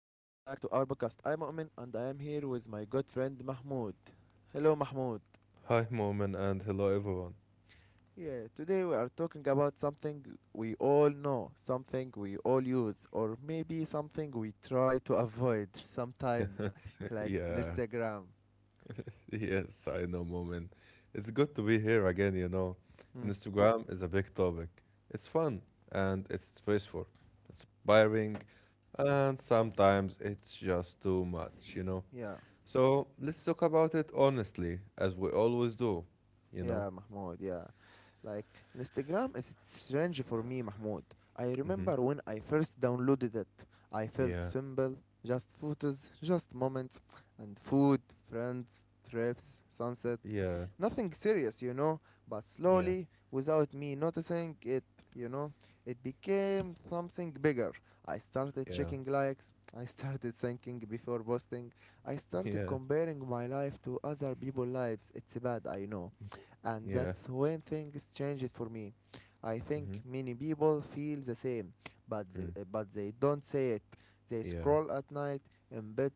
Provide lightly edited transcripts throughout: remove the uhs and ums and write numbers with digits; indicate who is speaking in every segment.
Speaker 1: to our podcast. I am Mu'min and I am here with my good friend Mahmoud. Hello Mahmoud.
Speaker 2: Hi, Momin, and hello, everyone.
Speaker 1: Yeah, today we are talking about something we all know, something we all use, or maybe something we try to avoid sometimes, like
Speaker 2: Yeah,
Speaker 1: Instagram.
Speaker 2: yes, I know, Momin. It's good to be here again.
Speaker 1: Hmm.
Speaker 2: Instagram is a big topic. It's fun and it's stressful, inspiring, and sometimes it's just too much.
Speaker 1: Yeah.
Speaker 2: So let's talk about it honestly, as we always do, you know.
Speaker 1: Yeah, Mahmoud, yeah. Like, Instagram is strange for me, Mahmoud. I
Speaker 2: Mm-hmm.
Speaker 1: remember when I first downloaded it, I felt
Speaker 2: Yeah,
Speaker 1: simple, just photos, just moments, and food, friends, trips, sunset.
Speaker 2: yeah,
Speaker 1: Nothing serious, but
Speaker 2: yeah,
Speaker 1: slowly, without me noticing it, you know, it became something bigger. I started
Speaker 2: yeah,
Speaker 1: checking likes, I started thinking before posting, I started
Speaker 2: yeah,
Speaker 1: comparing my life to other people's lives. It's bad, I know. And
Speaker 2: yeah.
Speaker 1: that's when things changes for me. I
Speaker 2: Mm-hmm.
Speaker 1: think many people feel the same, but th-
Speaker 2: Mm-hmm.
Speaker 1: uh, but they don't say it. They
Speaker 2: Yeah,
Speaker 1: scroll at night in bed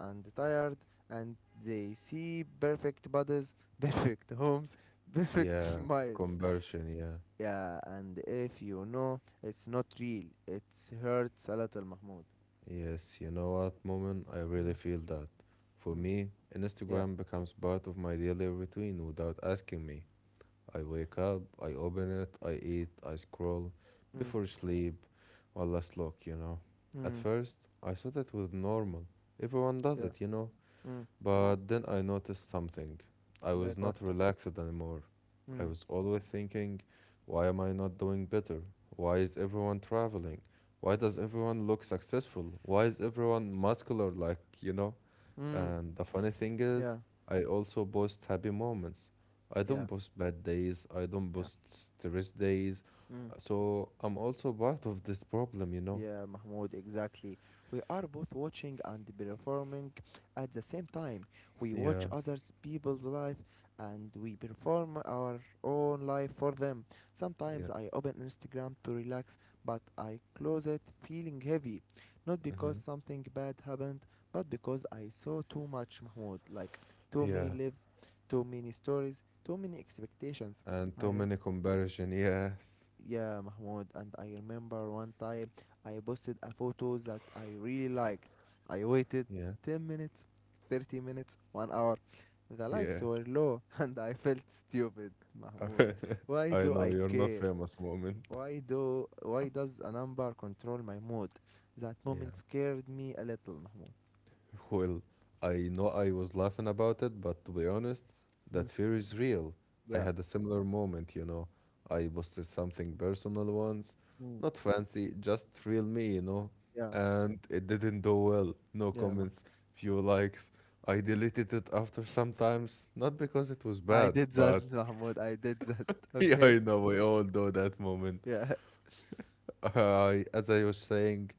Speaker 1: and tired, and they see perfect bodies, perfect homes, perfect
Speaker 2: yeah.
Speaker 1: smiles.
Speaker 2: Conversion, yeah.
Speaker 1: Yeah, and if you know, it's not real. It hurts a little, Mahmoud.
Speaker 2: Yes, you know what, Moment, I really
Speaker 1: Mm.
Speaker 2: feel that. For
Speaker 1: Mm.
Speaker 2: me,
Speaker 1: Yeah.
Speaker 2: Instagram becomes part of my daily routine without asking me. I wake up, I open it, I eat, I scroll
Speaker 1: Mm.
Speaker 2: before sleep, one last look. At
Speaker 1: Mm.
Speaker 2: first, I thought it was normal. Everyone does
Speaker 1: Yeah.
Speaker 2: it.
Speaker 1: Mm.
Speaker 2: But then I noticed something. I was
Speaker 1: Like what?
Speaker 2: not relaxed anymore. I
Speaker 1: Mm.
Speaker 2: was always thinking, why am I not doing better? Why is everyone traveling? Why does everyone look successful? Why is everyone muscular like?
Speaker 1: Mm.
Speaker 2: And the funny thing is,
Speaker 1: Yeah.
Speaker 2: I also post happy moments. I don't
Speaker 1: Yeah.
Speaker 2: post bad days. I don't
Speaker 1: Yeah.
Speaker 2: post stress days.
Speaker 1: Mm.
Speaker 2: So I'm also part of this problem?
Speaker 1: Yeah, Mahmoud, exactly. We are both watching and performing at the same time. We watch
Speaker 2: Yeah,
Speaker 1: others people's life and we perform our own life for them.
Speaker 2: yeah.
Speaker 1: Sometimes I open Instagram to relax, but I close it feeling heavy. Not because
Speaker 2: Hmm.
Speaker 1: something bad happened, but because I saw too much, Mahmoud. Like too many
Speaker 2: Yeah.
Speaker 1: lives, too many stories, too many expectations.
Speaker 2: And
Speaker 1: I,
Speaker 2: too
Speaker 1: re-
Speaker 2: many comparison, yes.
Speaker 1: yeah, Mahmoud. And I remember one time I posted a photo that I really liked. I waited
Speaker 2: Yeah,
Speaker 1: 10 minutes, 30 minutes, 1 hour. The
Speaker 2: yeah.
Speaker 1: likes were low and I felt stupid, Mahmoud. Why
Speaker 2: I
Speaker 1: do
Speaker 2: know
Speaker 1: I
Speaker 2: you're not
Speaker 1: care?
Speaker 2: famous, moment.
Speaker 1: Why does a number control my mood? That moment
Speaker 2: Yeah.
Speaker 1: scared me a little, Mahmoud.
Speaker 2: Well, I know I was laughing about it, but to be honest, that
Speaker 1: Mm.
Speaker 2: fear is real. I
Speaker 1: Yeah.
Speaker 2: had a similar moment. I posted something personal once,
Speaker 1: Mm.
Speaker 2: not fancy, just real me.
Speaker 1: Yeah,
Speaker 2: And it didn't do well. No
Speaker 1: yeah, Mahmoud.
Speaker 2: comments, few likes. I deleted it after sometimes, not because it was
Speaker 1: I
Speaker 2: bad,
Speaker 1: did that,
Speaker 2: but
Speaker 1: Mahmoud. I did that.
Speaker 2: yeah,
Speaker 1: Okay?
Speaker 2: I know we all do that moment.
Speaker 1: Yeah.
Speaker 2: As I was saying,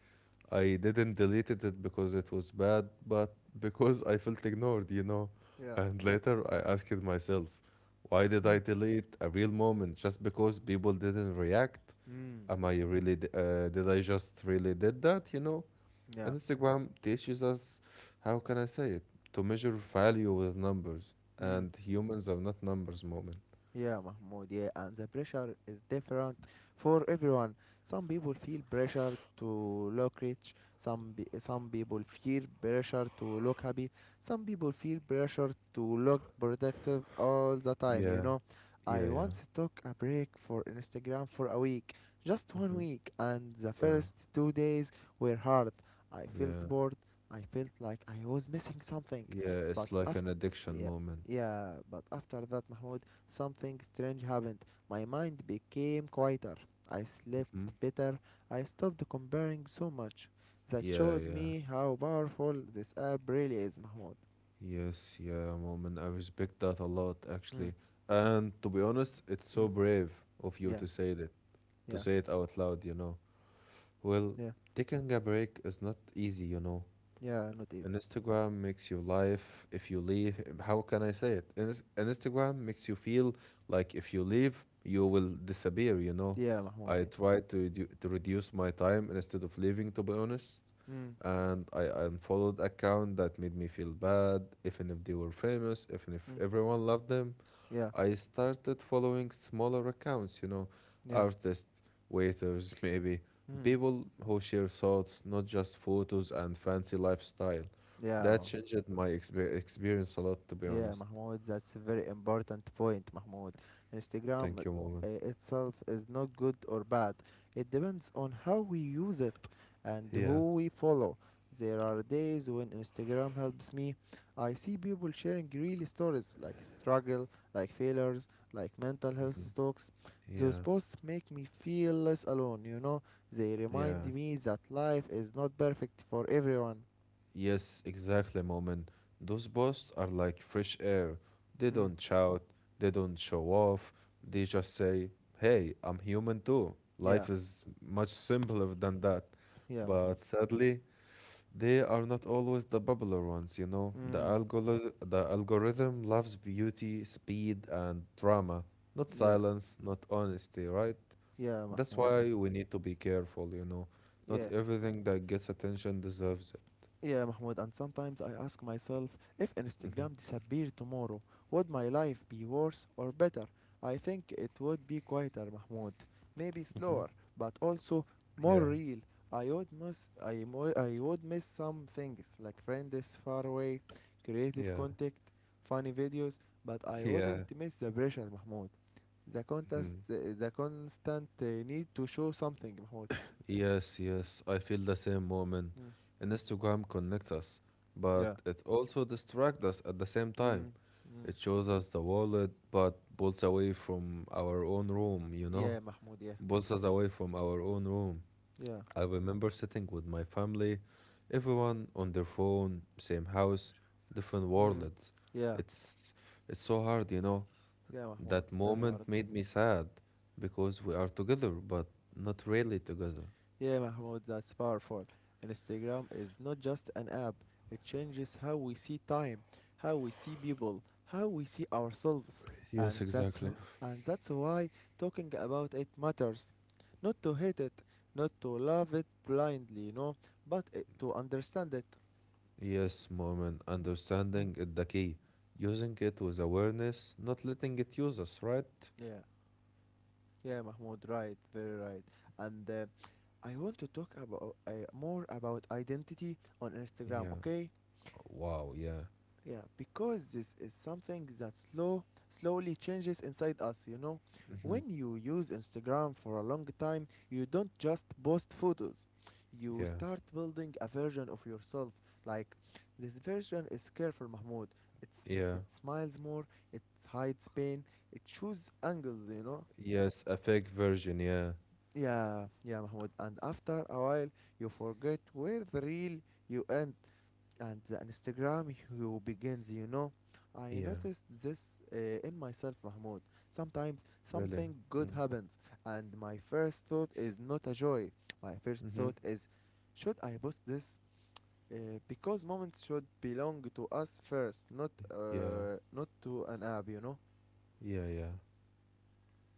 Speaker 2: I didn't deleted it because it was bad, but because I felt ignored.
Speaker 1: Yeah.
Speaker 2: And later I asked myself, why did
Speaker 1: Mm.
Speaker 2: I delete a real moment just because people didn't react?
Speaker 1: Mm.
Speaker 2: Am I really, did I just really did that?
Speaker 1: Yeah.
Speaker 2: And Instagram teaches us, how can I say it, to measure value with numbers.
Speaker 1: Mm.
Speaker 2: And humans are not numbers moment.
Speaker 1: Yeah, Mahmoud, yeah, and the pressure is different for everyone. Some people feel pressure to look rich, some people feel pressure to look happy, some people feel pressure to look productive all the time, you
Speaker 2: Yeah,
Speaker 1: know. I
Speaker 2: yeah, yeah.
Speaker 1: once took a break for Instagram for a week, just one
Speaker 2: Hmm.
Speaker 1: week, and the
Speaker 2: Yeah,
Speaker 1: first 2 days were hard. I felt
Speaker 2: yeah.
Speaker 1: bored, I felt like I was missing something,
Speaker 2: Yeah,
Speaker 1: but
Speaker 2: it's like
Speaker 1: after
Speaker 2: an addiction
Speaker 1: yeah,
Speaker 2: moment.
Speaker 1: yeah, but after that, Mahmoud, something strange happened. My mind became quieter. I
Speaker 2: Hmm.
Speaker 1: slept better. I stopped comparing so much. That
Speaker 2: Yeah,
Speaker 1: showed
Speaker 2: yeah.
Speaker 1: me how powerful this app really is, Mahmoud.
Speaker 2: Yes, yeah, moment. I respect that a lot,
Speaker 1: Mm.
Speaker 2: actually. And to be honest, it's so
Speaker 1: Mm.
Speaker 2: brave of you
Speaker 1: Yeah,
Speaker 2: to say that, to
Speaker 1: yeah,
Speaker 2: say it out loud. Well,
Speaker 1: yeah.
Speaker 2: taking a break is not easy.
Speaker 1: Yeah, not
Speaker 2: An
Speaker 1: easy.
Speaker 2: Instagram makes you life if you leave. How can I say it? An Instagram makes you feel like if you leave, you will disappear.
Speaker 1: Yeah, Mahmoud.
Speaker 2: I
Speaker 1: Yeah.
Speaker 2: try to reduce my time instead of leaving, to be honest.
Speaker 1: Mm.
Speaker 2: And I unfollowed account that made me feel bad, even if they were famous, even if
Speaker 1: Mm.
Speaker 2: everyone loved them.
Speaker 1: Yeah,
Speaker 2: I started following smaller accounts,
Speaker 1: yeah.
Speaker 2: artists, waiters, maybe
Speaker 1: Mm.
Speaker 2: people who share thoughts, not just photos and fancy lifestyle.
Speaker 1: Yeah,
Speaker 2: That
Speaker 1: Mahmoud.
Speaker 2: changed my experience a lot, to be
Speaker 1: Yeah,
Speaker 2: honest.
Speaker 1: Mahmoud, that's a very important point, Mahmoud. Instagram
Speaker 2: Thank you, moment.
Speaker 1: itself is not good or bad. It depends on how we use it and
Speaker 2: Yeah.
Speaker 1: who we follow. There are days when Instagram helps me. I see people sharing real stories like struggle, like failures, like mental health
Speaker 2: Mhm.
Speaker 1: talks. Those
Speaker 2: Yeah.
Speaker 1: posts make me feel less alone. They remind
Speaker 2: Yeah.
Speaker 1: me that life is not perfect for everyone.
Speaker 2: Yes, exactly, Moment. Those boss are like fresh air. They
Speaker 1: Mm.
Speaker 2: don't shout, they don't show off, they just say, "Hey, I'm human too."
Speaker 1: Yeah,
Speaker 2: Life is much simpler than that.
Speaker 1: yeah, Mahmoud.
Speaker 2: But sadly, they are not always the popular ones. The
Speaker 1: Mm.
Speaker 2: algol the algorithm loves beauty, speed, and drama, not
Speaker 1: Yeah.
Speaker 2: silence, not honesty, right?
Speaker 1: Yeah,
Speaker 2: That's
Speaker 1: Mahmoud. Yeah,
Speaker 2: why we need to be careful. Not
Speaker 1: yeah,
Speaker 2: everything that gets attention deserves it.
Speaker 1: yeah, Mahmoud. And sometimes I ask myself if Instagram disappeared tomorrow, would my life be worse or better? I think it would be quieter, Mahmoud. Maybe
Speaker 2: Hmm.
Speaker 1: slower, but also more
Speaker 2: Yeah,
Speaker 1: real. I would miss some things like friends far away, creative
Speaker 2: yeah,
Speaker 1: contact, funny videos, but I wouldn't
Speaker 2: yeah.
Speaker 1: miss the pressure, Mahmoud. The contest,
Speaker 2: Mhm.
Speaker 1: the constant need to show something, Mahmoud.
Speaker 2: Yes, yes, I feel the same moment.
Speaker 1: Mm.
Speaker 2: And Instagram connects us,
Speaker 1: Yeah.
Speaker 2: but it also distracts us at the same time.
Speaker 1: Mm.
Speaker 2: It shows us the wallet, but pulls away from our own room?
Speaker 1: Yeah, Mahmoud. Yeah,
Speaker 2: Pulls us away from our own room.
Speaker 1: yeah.
Speaker 2: I remember sitting with my family, everyone on their phone, same house, different
Speaker 1: Mm.
Speaker 2: worlds.
Speaker 1: Yeah,
Speaker 2: It's it's so hard.
Speaker 1: yeah, Mahmoud.
Speaker 2: That
Speaker 1: Very
Speaker 2: moment
Speaker 1: hard.
Speaker 2: made me sad because we are together, but not really together.
Speaker 1: Yeah, Mahmoud. That's powerful. Instagram is not just an app. It changes how we see time, how we see people, how we see ourselves,
Speaker 2: Yes,
Speaker 1: and that's
Speaker 2: exactly.
Speaker 1: and that's why talking about it matters. Not to hate it, not to love it blindly, but to understand it.
Speaker 2: Yes, moment, understanding is the key. Using it with awareness, not letting it use us, right?
Speaker 1: Yeah, yeah, Mahmoud. Right, very right. And I want to talk about more about identity on Instagram,
Speaker 2: Yeah.
Speaker 1: okay?
Speaker 2: Wow, yeah.
Speaker 1: Yeah, because this is something that slowly changes inside us.
Speaker 2: Hmm.
Speaker 1: When you use Instagram for a long time, you don't just post photos. You
Speaker 2: Yeah.
Speaker 1: start building a version of yourself. Like, this version is careful, Mahmoud. It's
Speaker 2: Yeah.
Speaker 1: it smiles more, it hides pain, it chooses angles.
Speaker 2: Yes, a fake version, yeah.
Speaker 1: Yeah, yeah, Mahmoud. And after a while, you forget where the real you end and the Instagram you begins. I
Speaker 2: Yeah,
Speaker 1: noticed this uh, in myself, Mahmoud. Sometimes
Speaker 2: really.
Speaker 1: something good happens, and my first thought is not a joy. My first
Speaker 2: Mm-hmm.
Speaker 1: thought is, should I post this? Because moments should belong to us first, not
Speaker 2: Yeah,
Speaker 1: uh, not to an app.
Speaker 2: yeah, yeah.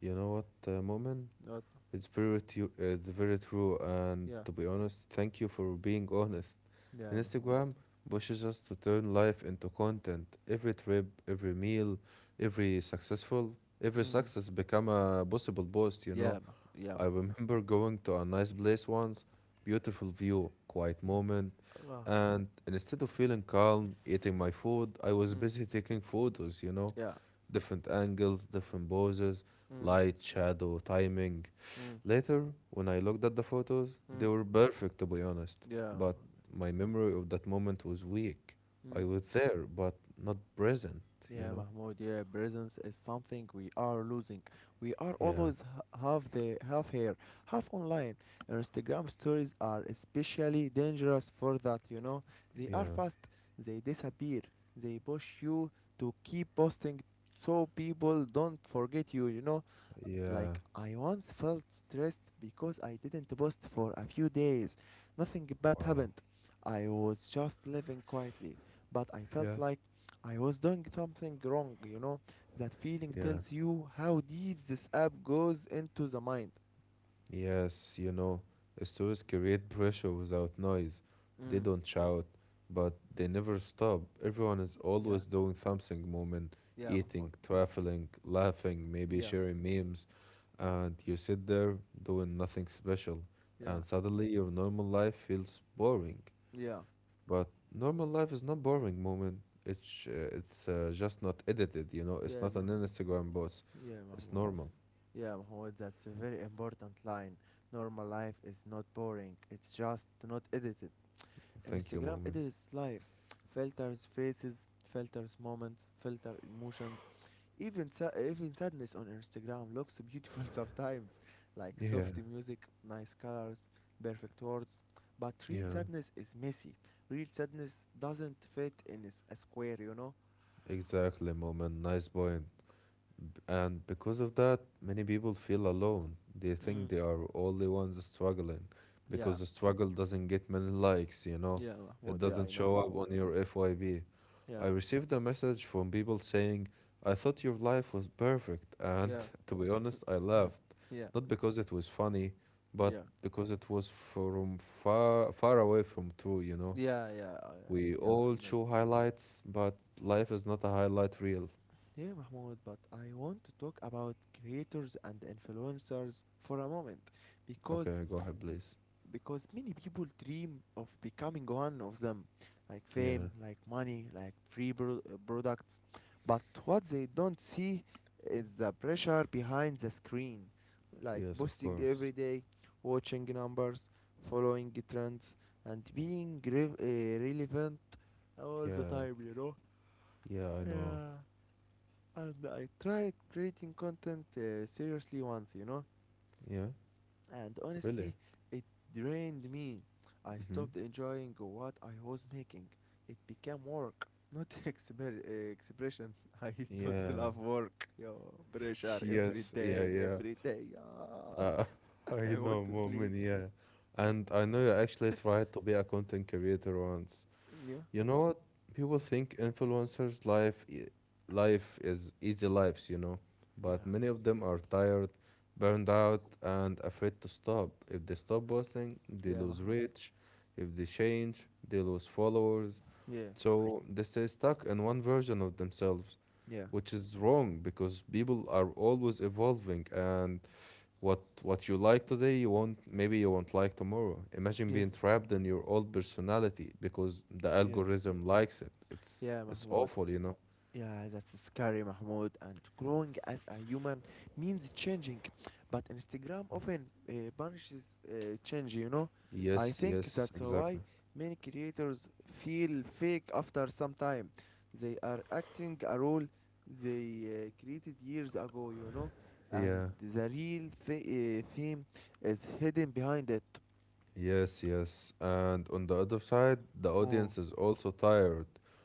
Speaker 2: You know what, moment?
Speaker 1: Not
Speaker 2: It's very true. It's very true, and
Speaker 1: Yeah,
Speaker 2: to be honest, thank you for being honest.
Speaker 1: yeah, Mahmoud.
Speaker 2: Instagram pushes us to turn life into content. Every trip, every meal, every
Speaker 1: Mm.
Speaker 2: success become a possible post.
Speaker 1: Yeah, Yeah,
Speaker 2: I remember going to a nice place once, beautiful view, quiet
Speaker 1: yeah.
Speaker 2: moment,
Speaker 1: Ah.
Speaker 2: and instead of feeling calm, eating my food, I was
Speaker 1: Mm,
Speaker 2: busy taking photos. You know,
Speaker 1: yeah.
Speaker 2: different angles, different poses,
Speaker 1: Mm.
Speaker 2: light, shadow, timing.
Speaker 1: Mm.
Speaker 2: Later, when I looked at the photos,
Speaker 1: Mm.
Speaker 2: they were perfect to be honest,
Speaker 1: Yeah.
Speaker 2: but my memory of that moment was weak. I
Speaker 1: Mm,
Speaker 2: was there, but not present, you
Speaker 1: yeah,
Speaker 2: know?
Speaker 1: Mahmoud. Yeah, presence is something we are losing. We are
Speaker 2: Yeah,
Speaker 1: always half here, half online. And Instagram stories are especially dangerous for that. You know, they are
Speaker 2: yeah,
Speaker 1: fast. They disappear. They push you to keep posting so people don't forget you. You know,
Speaker 2: yeah,
Speaker 1: like, I once felt stressed because I didn't post for a few days. Nothing bad
Speaker 2: wow,
Speaker 1: happened. I was just living quietly. But I
Speaker 2: yeah.
Speaker 1: felt like I was doing something wrong, you know? That feeling
Speaker 2: Yeah.
Speaker 1: tells you how deep this app goes into the mind.
Speaker 2: Yes, stories create pressure without noise. They
Speaker 1: Mm.
Speaker 2: don't shout, but they never stop. Everyone is
Speaker 1: Yeah,
Speaker 2: always doing something moment,
Speaker 1: yeah, Mahmoud.
Speaker 2: eating, traveling, laughing, maybe
Speaker 1: Yeah,
Speaker 2: sharing memes. And you sit there doing nothing special.
Speaker 1: yeah,
Speaker 2: And suddenly your normal life feels boring.
Speaker 1: yeah.
Speaker 2: But normal life is not boring moment. It's just not edited. It's
Speaker 1: Yeah,
Speaker 2: not an
Speaker 1: Mahmoud.
Speaker 2: Instagram boss.
Speaker 1: Yeah,
Speaker 2: It's
Speaker 1: Mahmoud.
Speaker 2: normal.
Speaker 1: Yeah, Mahmoud, that's a very important line. Normal life is not boring, it's just not edited.
Speaker 2: Thank you,
Speaker 1: Instagram
Speaker 2: moment.
Speaker 1: edits life, filters faces, filters moments, filter emotions. Even even sadness on Instagram looks beautiful sometimes, like
Speaker 2: Yeah,
Speaker 1: soft music, nice colors, perfect words. But real
Speaker 2: yeah.
Speaker 1: sadness is messy. Real sadness doesn't fit in a square.
Speaker 2: Exactly, Moment. Nice point. And because of that, many people feel alone. They think
Speaker 1: Mm.
Speaker 2: they are only ones struggling
Speaker 1: Yeah,
Speaker 2: because the struggle doesn't get many likes?
Speaker 1: yeah,
Speaker 2: It
Speaker 1: Mahmoud. Yeah,
Speaker 2: doesn't
Speaker 1: I know
Speaker 2: show
Speaker 1: that.
Speaker 2: up on your FYB. I
Speaker 1: Yeah,
Speaker 2: received a message from people saying, "I thought your life was perfect." And
Speaker 1: yeah.
Speaker 2: to be honest, I
Speaker 1: Mm.
Speaker 2: laughed.
Speaker 1: Yeah,
Speaker 2: Not because it was funny, but
Speaker 1: yeah,
Speaker 2: because it was from far, far away from true?
Speaker 1: yeah, yeah,
Speaker 2: We
Speaker 1: yeah.
Speaker 2: all
Speaker 1: I know.
Speaker 2: show highlights, but life is not a highlight reel.
Speaker 1: Yeah, Mahmoud, but I want to talk about creators and influencers for a moment because
Speaker 2: Okay, go ahead, please.
Speaker 1: many people dream of becoming one of them, like
Speaker 2: Yeah,
Speaker 1: fame, like money, like free products, but what they don't see is the pressure behind the screen, like
Speaker 2: yes, of
Speaker 1: posting every
Speaker 2: course.
Speaker 1: day, watching numbers, following trends, and being relevant all the
Speaker 2: Yeah,
Speaker 1: time, you know?
Speaker 2: yeah, I know.
Speaker 1: Yeah. And I tried creating content seriously once,
Speaker 2: Yeah,
Speaker 1: and
Speaker 2: really?
Speaker 1: honestly, it drained me. I
Speaker 2: Mm-hmm.
Speaker 1: stopped enjoying what I was making. It became work, not expression. I don't
Speaker 2: Yeah,
Speaker 1: love work. Yo, pressure every
Speaker 2: yes, yeah,
Speaker 1: day,
Speaker 2: yeah.
Speaker 1: every day. Ah,
Speaker 2: Uh, I
Speaker 1: I want
Speaker 2: know,
Speaker 1: to sleep.
Speaker 2: moment, yeah.
Speaker 1: Yeah,
Speaker 2: And I know you actually tried to be a content creator once.
Speaker 1: yeah,
Speaker 2: You know what? People think influencers' life is easy lives, but
Speaker 1: yeah,
Speaker 2: many of them are tired, burned out, and afraid to stop. If they stop posting, they
Speaker 1: yeah,
Speaker 2: lose
Speaker 1: Mahmoud.
Speaker 2: reach. If they change, they lose followers.
Speaker 1: Yeah,
Speaker 2: So they stay stuck in one version of themselves,
Speaker 1: yeah,
Speaker 2: which is wrong because people are always evolving and what you like today, you won't maybe you won't like tomorrow. Imagine
Speaker 1: yeah,
Speaker 2: being trapped in your old personality because the
Speaker 1: yeah,
Speaker 2: algorithm likes it. It's
Speaker 1: yeah,
Speaker 2: it's
Speaker 1: Mahmoud.
Speaker 2: awful.
Speaker 1: Yeah, that's scary, Mahmoud. And growing as a human means changing, but Instagram often punishes change. You know, I
Speaker 2: Yes,
Speaker 1: think
Speaker 2: yes,
Speaker 1: that's
Speaker 2: exactly.
Speaker 1: why many creators feel fake after some time. They are acting a role they created years ago. You know, and
Speaker 2: Yeah.
Speaker 1: the real theme is hidden behind it.
Speaker 2: Yes, yes. And on the other side, the
Speaker 1: Oh,
Speaker 2: audience is also tired.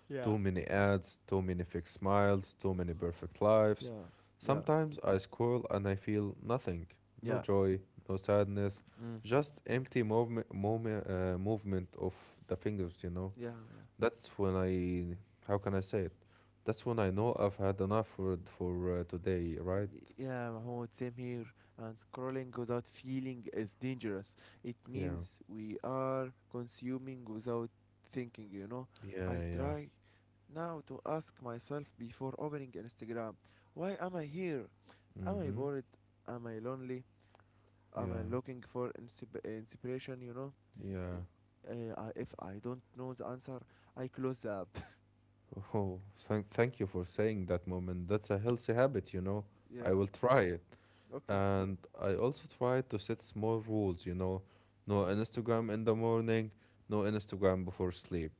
Speaker 1: yeah.
Speaker 2: Too many ads, too many fake smiles, too many perfect lives.
Speaker 1: Yeah, yeah,
Speaker 2: Sometimes I scroll and I feel nothing. No
Speaker 1: yeah.
Speaker 2: joy, no sadness,
Speaker 1: Mm.
Speaker 2: just empty movement, moment, movement of the fingers.
Speaker 1: Yeah, yeah.
Speaker 2: That's when I, how can I say it? That's when I know I've had enough for today, right?
Speaker 1: Yeah, Mahmoud, same here. And scrolling without feeling is dangerous. It
Speaker 2: Yeah.
Speaker 1: means we are consuming without thinking.
Speaker 2: Yeah,
Speaker 1: I
Speaker 2: yeah.
Speaker 1: try now to ask myself before opening Instagram, why am I here? Am I
Speaker 2: Mm-hmm.
Speaker 1: bored? Am I lonely? Am I
Speaker 2: Yeah,
Speaker 1: looking for inspiration, you know?
Speaker 2: yeah.
Speaker 1: If I don't know the answer, I close the app.
Speaker 2: Oh, thank you for saying that moment. That's a healthy habit. I
Speaker 1: Yeah,
Speaker 2: will try it.
Speaker 1: okay.
Speaker 2: And I also try to set small rules. No
Speaker 1: Mm,
Speaker 2: Instagram in the morning, no Instagram before sleep.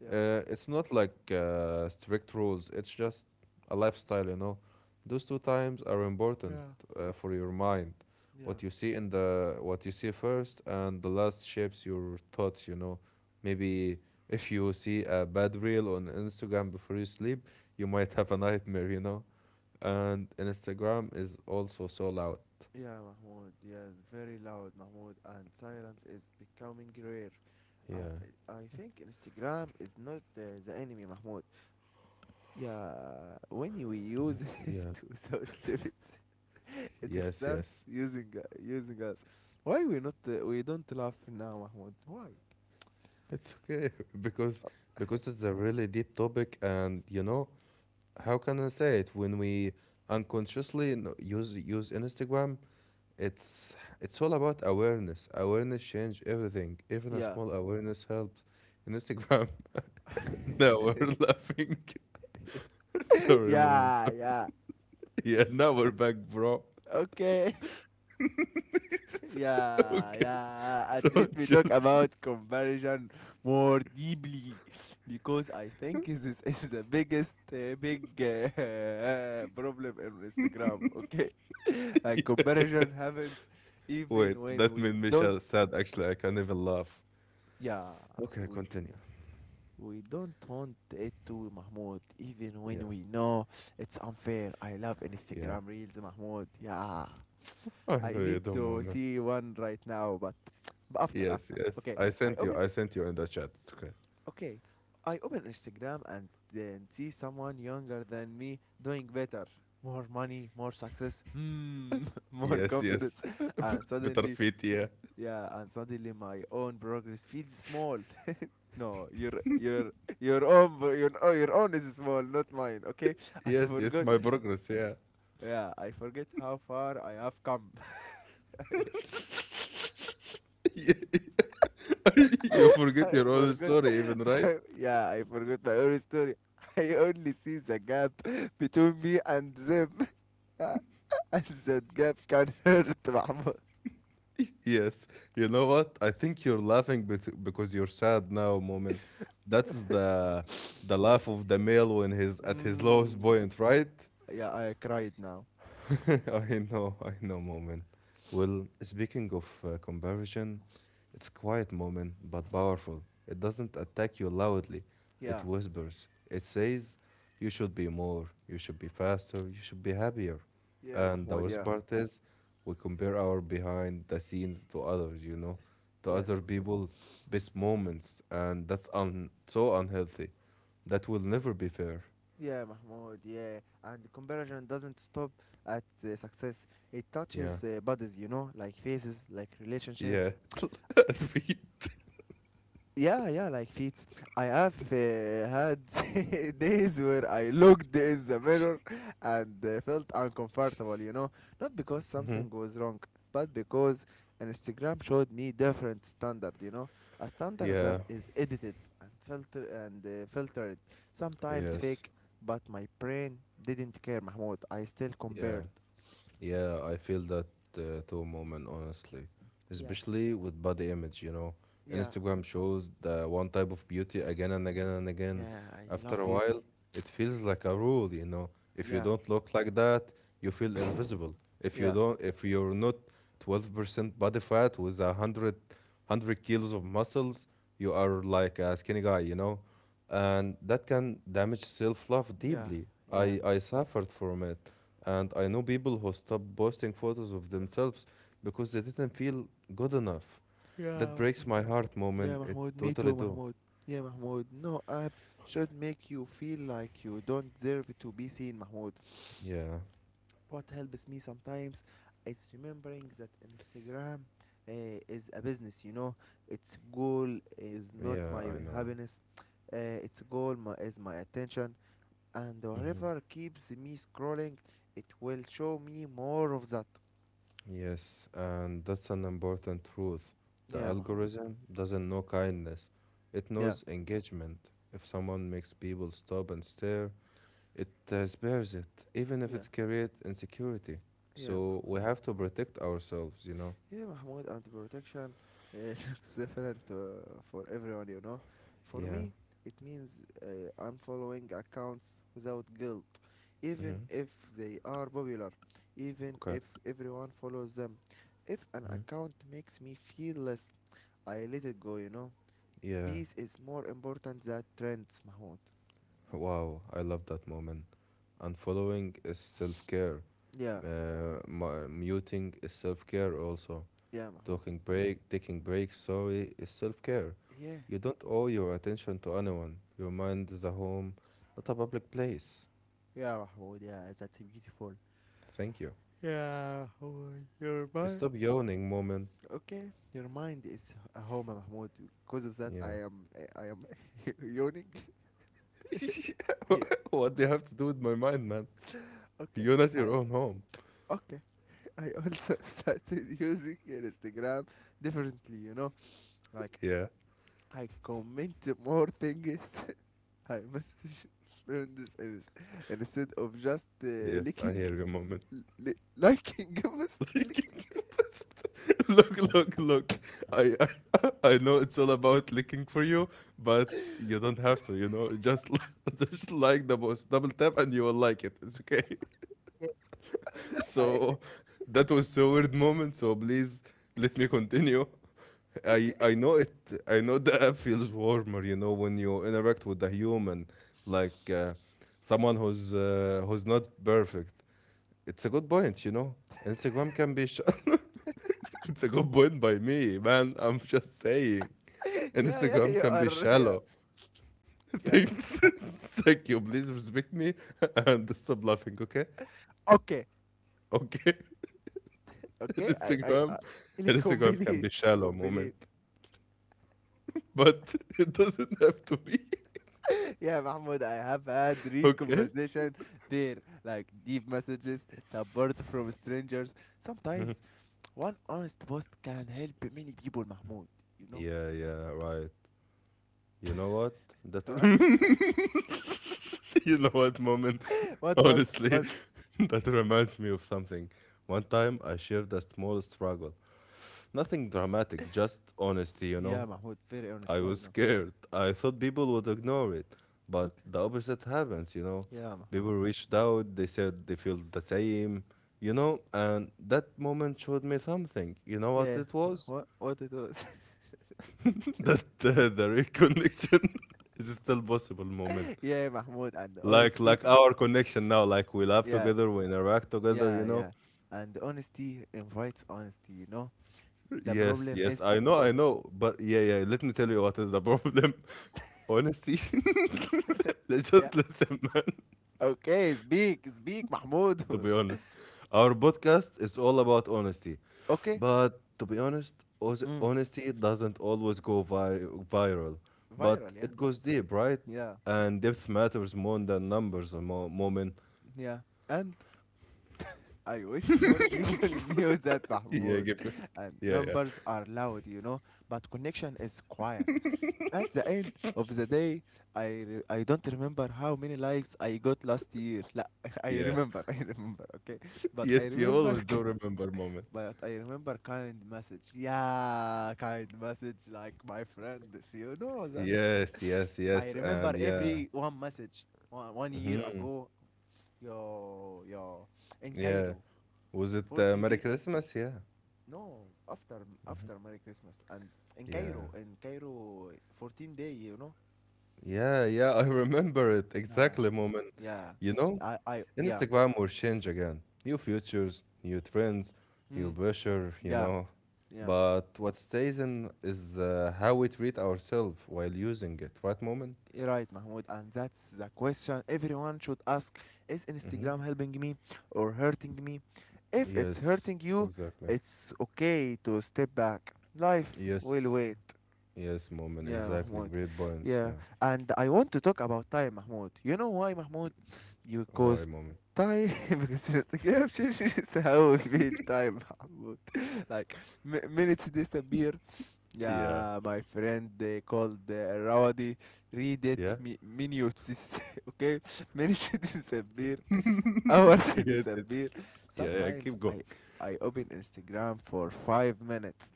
Speaker 1: yeah.
Speaker 2: It's not like strict rules, it's just a lifestyle. Those two times are important
Speaker 1: Yeah.
Speaker 2: for your mind.
Speaker 1: Yeah.
Speaker 2: What you see first and the last shapes your thoughts. Maybe if you see a bad reel on Instagram before you sleep, you might have a nightmare. And Instagram is also so loud.
Speaker 1: Yeah, Mahmoud. Yes, very loud, Mahmoud. And silence is becoming rare.
Speaker 2: Yeah,
Speaker 1: I think Instagram is not the enemy, Mahmoud. Yeah, when you use
Speaker 2: yeah.
Speaker 1: it without limits, it
Speaker 2: Yes,
Speaker 1: starts
Speaker 2: yes.
Speaker 1: using us. Why we not we don't laugh now, Mahmoud? Why?
Speaker 2: It's okay because because it's a really deep topic, and how can I say it, when we unconsciously use Instagram. It's it's all about Awareness change everything, even a
Speaker 1: Yeah.
Speaker 2: small awareness helps in Instagram. Now we're laughing. Sorry, mom,
Speaker 1: Yeah,
Speaker 2: sorry.
Speaker 1: yeah.
Speaker 2: Yeah, now we're back, bro.
Speaker 1: Okay. Yeah,
Speaker 2: Okay,
Speaker 1: yeah. And
Speaker 2: so
Speaker 1: let me
Speaker 2: chill,
Speaker 1: talk
Speaker 2: chill.
Speaker 1: about comparison more deeply because I think this is the biggest big problem in Instagram. Okay, like comparison happens
Speaker 2: Wait,
Speaker 1: even when
Speaker 2: that
Speaker 1: we
Speaker 2: made me
Speaker 1: don't.
Speaker 2: sad actually, I can't even laugh.
Speaker 1: Yeah,
Speaker 2: Okay,
Speaker 1: we
Speaker 2: continue.
Speaker 1: we don't want it to Mahmoud. Even
Speaker 2: Yeah,
Speaker 1: when we know it's unfair. I love
Speaker 2: yeah,
Speaker 1: Instagram Reels, Mahmoud. Yeah.
Speaker 2: I
Speaker 1: I
Speaker 2: know you
Speaker 1: need
Speaker 2: don't,
Speaker 1: to
Speaker 2: moment.
Speaker 1: see one right now, but after
Speaker 2: Yes,
Speaker 1: after.
Speaker 2: yes,
Speaker 1: Okay,
Speaker 2: I
Speaker 1: I
Speaker 2: sent you
Speaker 1: open.
Speaker 2: I sent you in the chat, it's okay.
Speaker 1: Okay, I open Instagram and then see someone younger than me doing better, more money, more success, mm, more
Speaker 2: Yes,
Speaker 1: confidence,
Speaker 2: yes.
Speaker 1: and
Speaker 2: Better
Speaker 1: suddenly,
Speaker 2: fit, yeah.
Speaker 1: yeah, and suddenly my own progress feels small. No, your own pro- your oh, your own is small, not mine. Okay, I
Speaker 2: Yes, yes,
Speaker 1: forgot.
Speaker 2: my progress, yeah.
Speaker 1: Yeah, I forget how far I have come.
Speaker 2: You forget
Speaker 1: I
Speaker 2: your own
Speaker 1: forgot.
Speaker 2: story, even, right?
Speaker 1: Yeah, I forgot my own story. I only see the gap between me and them. And that gap can hurt Mahmoud.
Speaker 2: Yes. You know what? I think you're laughing because you're sad now, moment. That's the laugh of the male when he's at his lowest
Speaker 1: Mm.
Speaker 2: point, right?
Speaker 1: Yeah, I cried now.
Speaker 2: I I know, moment. Well, speaking of comparison, it's quiet moment but powerful. It doesn't attack you loudly. It
Speaker 1: Yeah,
Speaker 2: whispers. It says you should be more, you should be faster, you should be happier.
Speaker 1: yeah,
Speaker 2: And the
Speaker 1: Mahmoud,
Speaker 2: worst
Speaker 1: yeah.
Speaker 2: part is we compare our behind the scenes to others, to
Speaker 1: Yeah,
Speaker 2: other people best moments and that's so unhealthy. That will never be fair.
Speaker 1: yeah, Mahmoud, yeah. And the comparison doesn't stop at the success. It
Speaker 2: Yeah.
Speaker 1: touches bodies, like faces, like
Speaker 2: Yeah.
Speaker 1: relationships,
Speaker 2: Agreed.
Speaker 1: yeah, yeah, like feats. I have had days where I looked in the mirror and felt uncomfortable, not because something was wrong, but because an Instagram showed me different standard, a standard that
Speaker 2: Yeah.
Speaker 1: is edited and filtered, sometimes
Speaker 2: Yes.
Speaker 1: fake, but my brain didn't care, Mahmoud. I still
Speaker 2: Yeah.
Speaker 1: compared.
Speaker 2: Yeah, I feel that too, moment, honestly.
Speaker 1: Yeah.
Speaker 2: Especially with body image.
Speaker 1: Yeah,
Speaker 2: Instagram shows the one type of beauty again and again and again.
Speaker 1: yeah, I
Speaker 2: After
Speaker 1: love
Speaker 2: a
Speaker 1: beauty.
Speaker 2: while, it feels like a rule. If you
Speaker 1: Yeah,
Speaker 2: don't look like that, you feel invisible. If you
Speaker 1: yeah,
Speaker 2: don't, if you're not 12% body fat with a hundred kilos of muscles, you are like a skinny guy, you know. And that can damage self-love
Speaker 1: yeah,
Speaker 2: deeply.
Speaker 1: yeah.
Speaker 2: I suffered from it. And I know people who stopped posting photos of themselves because they didn't feel good enough.
Speaker 1: Mahmoud.
Speaker 2: That
Speaker 1: Yeah.
Speaker 2: breaks my heart,
Speaker 1: Yeah,
Speaker 2: moment. It
Speaker 1: Mahmoud, me
Speaker 2: totally
Speaker 1: too,
Speaker 2: do.
Speaker 1: Mahmoud. Yeah, Mahmoud, no app should make you feel like you don't deserve to be seen, Mahmoud.
Speaker 2: Yeah,
Speaker 1: What helps me sometimes is remembering that Instagram is a business. Its goal is not
Speaker 2: yeah,
Speaker 1: my
Speaker 2: I know.
Speaker 1: happiness, uh, its goal is my attention, and
Speaker 2: Hmm.
Speaker 1: whatever keeps me scrolling, it will show me more of that.
Speaker 2: Yes, and that's an important truth. The
Speaker 1: Yeah, Mahmoud.
Speaker 2: algorithm doesn't know kindness, it
Speaker 1: Yeah,
Speaker 2: knows engagement. If someone makes people stop and stare, it spares it, even if
Speaker 1: yeah,
Speaker 2: it's create insecurity.
Speaker 1: yeah.
Speaker 2: So we have to protect ourselves, you know?
Speaker 1: Yeah, Mahmoud, anti-protection looks different for everyone. For
Speaker 2: Yeah.
Speaker 1: me, it means unfollowing accounts without guilt, even
Speaker 2: Mm-hmm.
Speaker 1: if they are popular, even
Speaker 2: Okay.
Speaker 1: if everyone follows them. If an account makes me feel less, I let it go.
Speaker 2: Yeah,
Speaker 1: Peace is more important than trends, Mahmoud.
Speaker 2: wow, I love that moment. And following is self care.
Speaker 1: Yeah,
Speaker 2: Muting is self care also.
Speaker 1: yeah, Mahmoud.
Speaker 2: Talking break, taking breaks, sorry, is self care.
Speaker 1: Yeah.
Speaker 2: You don't owe your attention to anyone. Your mind is a home, not a public place.
Speaker 1: Yeah, Mahmoud, yeah, that's beautiful.
Speaker 2: Thank you.
Speaker 1: Yeah, Mahmoud, you're my
Speaker 2: Stop yawning, moment.
Speaker 1: okay, your mind is a home, Mahmoud. Because of that, I
Speaker 2: Yeah.
Speaker 1: am I I am yawning. yeah.
Speaker 2: What do you have to do with my mind, man?
Speaker 1: Okay.
Speaker 2: You're not
Speaker 1: I
Speaker 2: your own home.
Speaker 1: Okay. I also started using Instagram differently. Like
Speaker 2: Yeah.
Speaker 1: I comment more things. I message friends and instead of just
Speaker 2: Yes, I
Speaker 1: liking,
Speaker 2: hear you, moment.
Speaker 1: liking, just liking.
Speaker 2: Look, look, look. I I know it's all about looking for you, but you don't have to, you know. Just just like the most double tap, and you will like it. It's okay.
Speaker 1: I
Speaker 2: So that was so weird moment. So please let me continue. I
Speaker 1: Okay.
Speaker 2: I know it. I know the app feels warmer, you know, when you interact with a human, like someone who's not perfect. It's a good point, you know. Instagram can be shut. It's a good point by me, man. I'm just saying.
Speaker 1: Yeah, yeah.
Speaker 2: Instagram
Speaker 1: You
Speaker 2: can be
Speaker 1: are yeah,
Speaker 2: shallow.
Speaker 1: yeah.
Speaker 2: Thank, thank you. Please respect me and stop laughing, okay?
Speaker 1: Okay.
Speaker 2: Okay.
Speaker 1: Okay, I, I,
Speaker 2: Instagram
Speaker 1: I really
Speaker 2: Instagram can
Speaker 1: complete,
Speaker 2: be shallow moment.
Speaker 1: complete.
Speaker 2: But it doesn't have to be.
Speaker 1: Yeah, Mahmoud, I have had real
Speaker 2: Okay?
Speaker 1: conversation there, like deep messages, support from strangers. Sometimes one honest post can help many people, Mahmoud. You know
Speaker 2: Yeah, yeah, right. You know what? That
Speaker 1: what?
Speaker 2: You know what, moment?
Speaker 1: What? What?
Speaker 2: Honestly,
Speaker 1: What?
Speaker 2: that reminds me of something. One time I shared a small struggle. Nothing dramatic, just honesty, you
Speaker 1: Yeah,
Speaker 2: know.
Speaker 1: Mahmoud, very honest.
Speaker 2: I
Speaker 1: Yeah,
Speaker 2: was
Speaker 1: I know.
Speaker 2: scared. I thought people would ignore it, but
Speaker 1: Okay.
Speaker 2: the opposite happens, you know.
Speaker 1: Yeah, Mahmoud.
Speaker 2: People reached out, they said they feel the same, you know, and that moment showed me something. You know what
Speaker 1: Yeah.
Speaker 2: it was?
Speaker 1: What? What it was?
Speaker 2: that the real connection is still possible, moment.
Speaker 1: yeah, Mahmoud, and
Speaker 2: Like
Speaker 1: honesty.
Speaker 2: our connection now, like we laugh
Speaker 1: Yeah,
Speaker 2: together, we interact together,
Speaker 1: yeah,
Speaker 2: you know.
Speaker 1: yeah. And honesty invites honesty. The
Speaker 2: Yes,
Speaker 1: problem
Speaker 2: yes,
Speaker 1: is,
Speaker 2: I know,
Speaker 1: oh,
Speaker 2: I know. But yeah, yeah, let me tell you what is the problem. Honesty. Let's
Speaker 1: yeah.
Speaker 2: just listen, man.
Speaker 1: Okay, speak, speak, Mahmoud.
Speaker 2: To be honest, our podcast is all about honesty.
Speaker 1: okay,
Speaker 2: But to be honest,
Speaker 1: Mm.
Speaker 2: honesty doesn't always go viral,
Speaker 1: Viral,
Speaker 2: but
Speaker 1: yeah?
Speaker 2: it goes deep, right?
Speaker 1: Yeah,
Speaker 2: And depth matters more than numbers, moment.
Speaker 1: yeah. And I wish more people knew that,
Speaker 2: Yeah,
Speaker 1: Mahmoud.
Speaker 2: give.
Speaker 1: And
Speaker 2: Yeah, yeah,
Speaker 1: numbers are loud, but connection is quiet. At the end of the day, I don't remember how many likes I got last year.
Speaker 2: yeah.
Speaker 1: I remember, okay? But I
Speaker 2: Yes, you
Speaker 1: remember,
Speaker 2: always do remember, moment.
Speaker 1: but I remember kind message. Yeah, kind message like my friends, you know that.
Speaker 2: Yes, yes,
Speaker 1: I
Speaker 2: yes,
Speaker 1: remember
Speaker 2: and yeah.
Speaker 1: every one message one year ago. Yo, yo, in
Speaker 2: Yeah.
Speaker 1: Cairo,
Speaker 2: Was it
Speaker 1: 40
Speaker 2: Merry
Speaker 1: day.
Speaker 2: Christmas? Yeah.
Speaker 1: No, after Merry Christmas and in
Speaker 2: Yeah.
Speaker 1: Cairo, in Cairo, 14 day.
Speaker 2: Yeah, yeah, I remember it.
Speaker 1: Uh,
Speaker 2: Exactly, moment.
Speaker 1: yeah,
Speaker 2: You know,
Speaker 1: yeah,
Speaker 2: Instagram will change again. New futures, new trends, new
Speaker 1: mm,
Speaker 2: pressure, you
Speaker 1: yeah,
Speaker 2: know.
Speaker 1: yeah.
Speaker 2: But what stays in is how we treat ourselves while using it, right, moment?
Speaker 1: You're right, Mahmoud. And that's the question everyone should ask: Is Instagram helping me or hurting me? If it's
Speaker 2: Yes,
Speaker 1: hurting you,
Speaker 2: exactly.
Speaker 1: it's okay to step back. Life will
Speaker 2: Yes,
Speaker 1: wait.
Speaker 2: yes, moment.
Speaker 1: Yeah,
Speaker 2: Exactly.
Speaker 1: Mahmoud.
Speaker 2: Great points.
Speaker 1: Yeah,
Speaker 2: Yeah.
Speaker 1: and I want to talk about time, Mahmoud. You know why, Mahmoud? You
Speaker 2: Why,
Speaker 1: cause
Speaker 2: moment?
Speaker 1: time because it's like, yeah, sure, sure, it's how we feel time, Mahmoud. Like minutes disappear.
Speaker 2: Yeah.
Speaker 1: Yeah, my friend they called Rawadi. Read it,
Speaker 2: Yeah.
Speaker 1: minutes. Okay, minutes disappear. Hours
Speaker 2: Yeah.
Speaker 1: disappear.
Speaker 2: Yeah. Yeah,
Speaker 1: Sometimes
Speaker 2: keep going.
Speaker 1: I open Instagram for 5 minutes.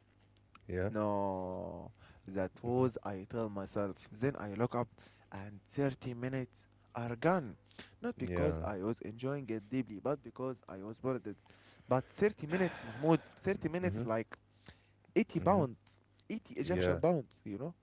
Speaker 2: Yeah.
Speaker 1: No, that was I tell myself. Then I look up and 30 minutes are gone. Not because
Speaker 2: Yeah.
Speaker 1: I was enjoying it deeply, but because I was bored. But 30 minutes, Mahmoud, 30 minutes like 80
Speaker 2: Hmm.
Speaker 1: pounds, 80
Speaker 2: Yeah.
Speaker 1: Egyptian pounds, you know?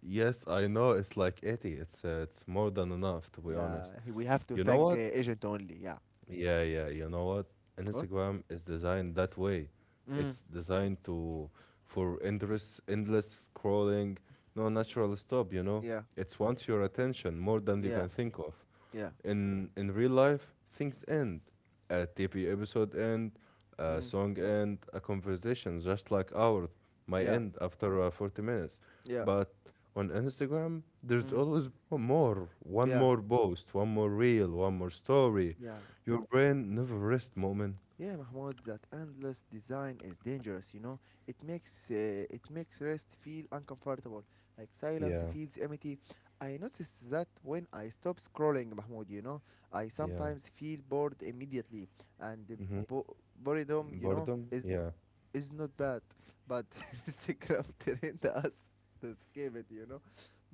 Speaker 2: Yes, I know. It's like 80. It's more than enough, to be honest.
Speaker 1: Yeah, we have to
Speaker 2: You know
Speaker 1: thank
Speaker 2: what?
Speaker 1: agent only. Yeah.
Speaker 2: Yeah, yeah. You know what?
Speaker 1: What?
Speaker 2: Instagram is designed that way.
Speaker 1: Mm,
Speaker 2: It's designed to for endless scrolling, no natural stop, you know?
Speaker 1: yeah,
Speaker 2: It's wants your attention more than you
Speaker 1: yeah,
Speaker 2: can think of.
Speaker 1: yeah,
Speaker 2: In real life, things end. A TV episode end, a
Speaker 1: mm,
Speaker 2: song end, a conversation just like ours might
Speaker 1: yeah,
Speaker 2: end after 40 minutes.
Speaker 1: yeah,
Speaker 2: But on Instagram, there's
Speaker 1: mm,
Speaker 2: always one
Speaker 1: yeah,
Speaker 2: more post, one more reel, one more story,
Speaker 1: yeah.
Speaker 2: your brain never rests, moment.
Speaker 1: Yeah, Mahmoud, that endless design is dangerous. It makes rest feel uncomfortable. Like silence
Speaker 2: Yeah,
Speaker 1: feels empty. I noticed that when I stop scrolling, Mahmoud, I
Speaker 2: yeah.
Speaker 1: sometimes feel bored immediately and the
Speaker 2: Hmm.
Speaker 1: boredom,
Speaker 2: Boredom?
Speaker 1: is
Speaker 2: Yeah.
Speaker 1: is not bad, but it's a craft telling us to skip it.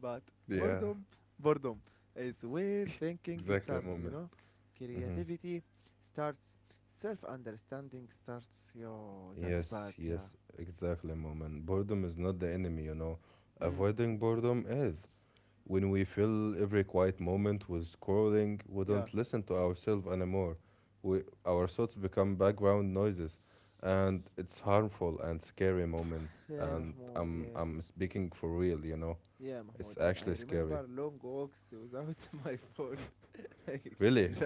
Speaker 1: But
Speaker 2: Yeah,
Speaker 1: boredom, boredom is where thinking
Speaker 2: exactly,
Speaker 1: starts, you
Speaker 2: moment.
Speaker 1: know.
Speaker 2: Hmm.
Speaker 1: Creativity starts, self understanding starts. Yo, that's
Speaker 2: Yes,
Speaker 1: bad, yeah.
Speaker 2: yes, exactly, moment. Boredom is not the enemy, you know.
Speaker 1: Mm,
Speaker 2: Avoiding boredom is. When we fill every quiet moment with scrolling, we
Speaker 1: yeah.
Speaker 2: don't listen to ourselves anymore. Our thoughts become background noises, and it's harmful and scary, moment.
Speaker 1: Hey
Speaker 2: And
Speaker 1: Mahmoud,
Speaker 2: I'm,
Speaker 1: yeah.
Speaker 2: I'm speaking for real, you know.
Speaker 1: Yeah, Mahmoud,
Speaker 2: It's
Speaker 1: and I
Speaker 2: actually scary.
Speaker 1: remember long walks without my phone, like
Speaker 2: Really,
Speaker 1: just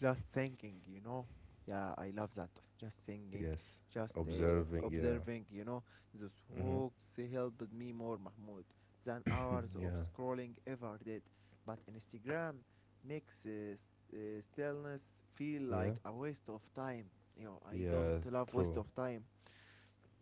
Speaker 1: just thinking. Yeah, I love that. Just thinking,
Speaker 2: yes,
Speaker 1: just
Speaker 2: observing, yeah.
Speaker 1: observing. Those
Speaker 2: Hmm.
Speaker 1: walks helped me more, Mahmoud, than hours of
Speaker 2: Yeah,
Speaker 1: scrolling ever did. But Instagram makes stillness feel
Speaker 2: yeah,
Speaker 1: like a waste of time. I don't
Speaker 2: yeah,
Speaker 1: love waste
Speaker 2: true.
Speaker 1: of time,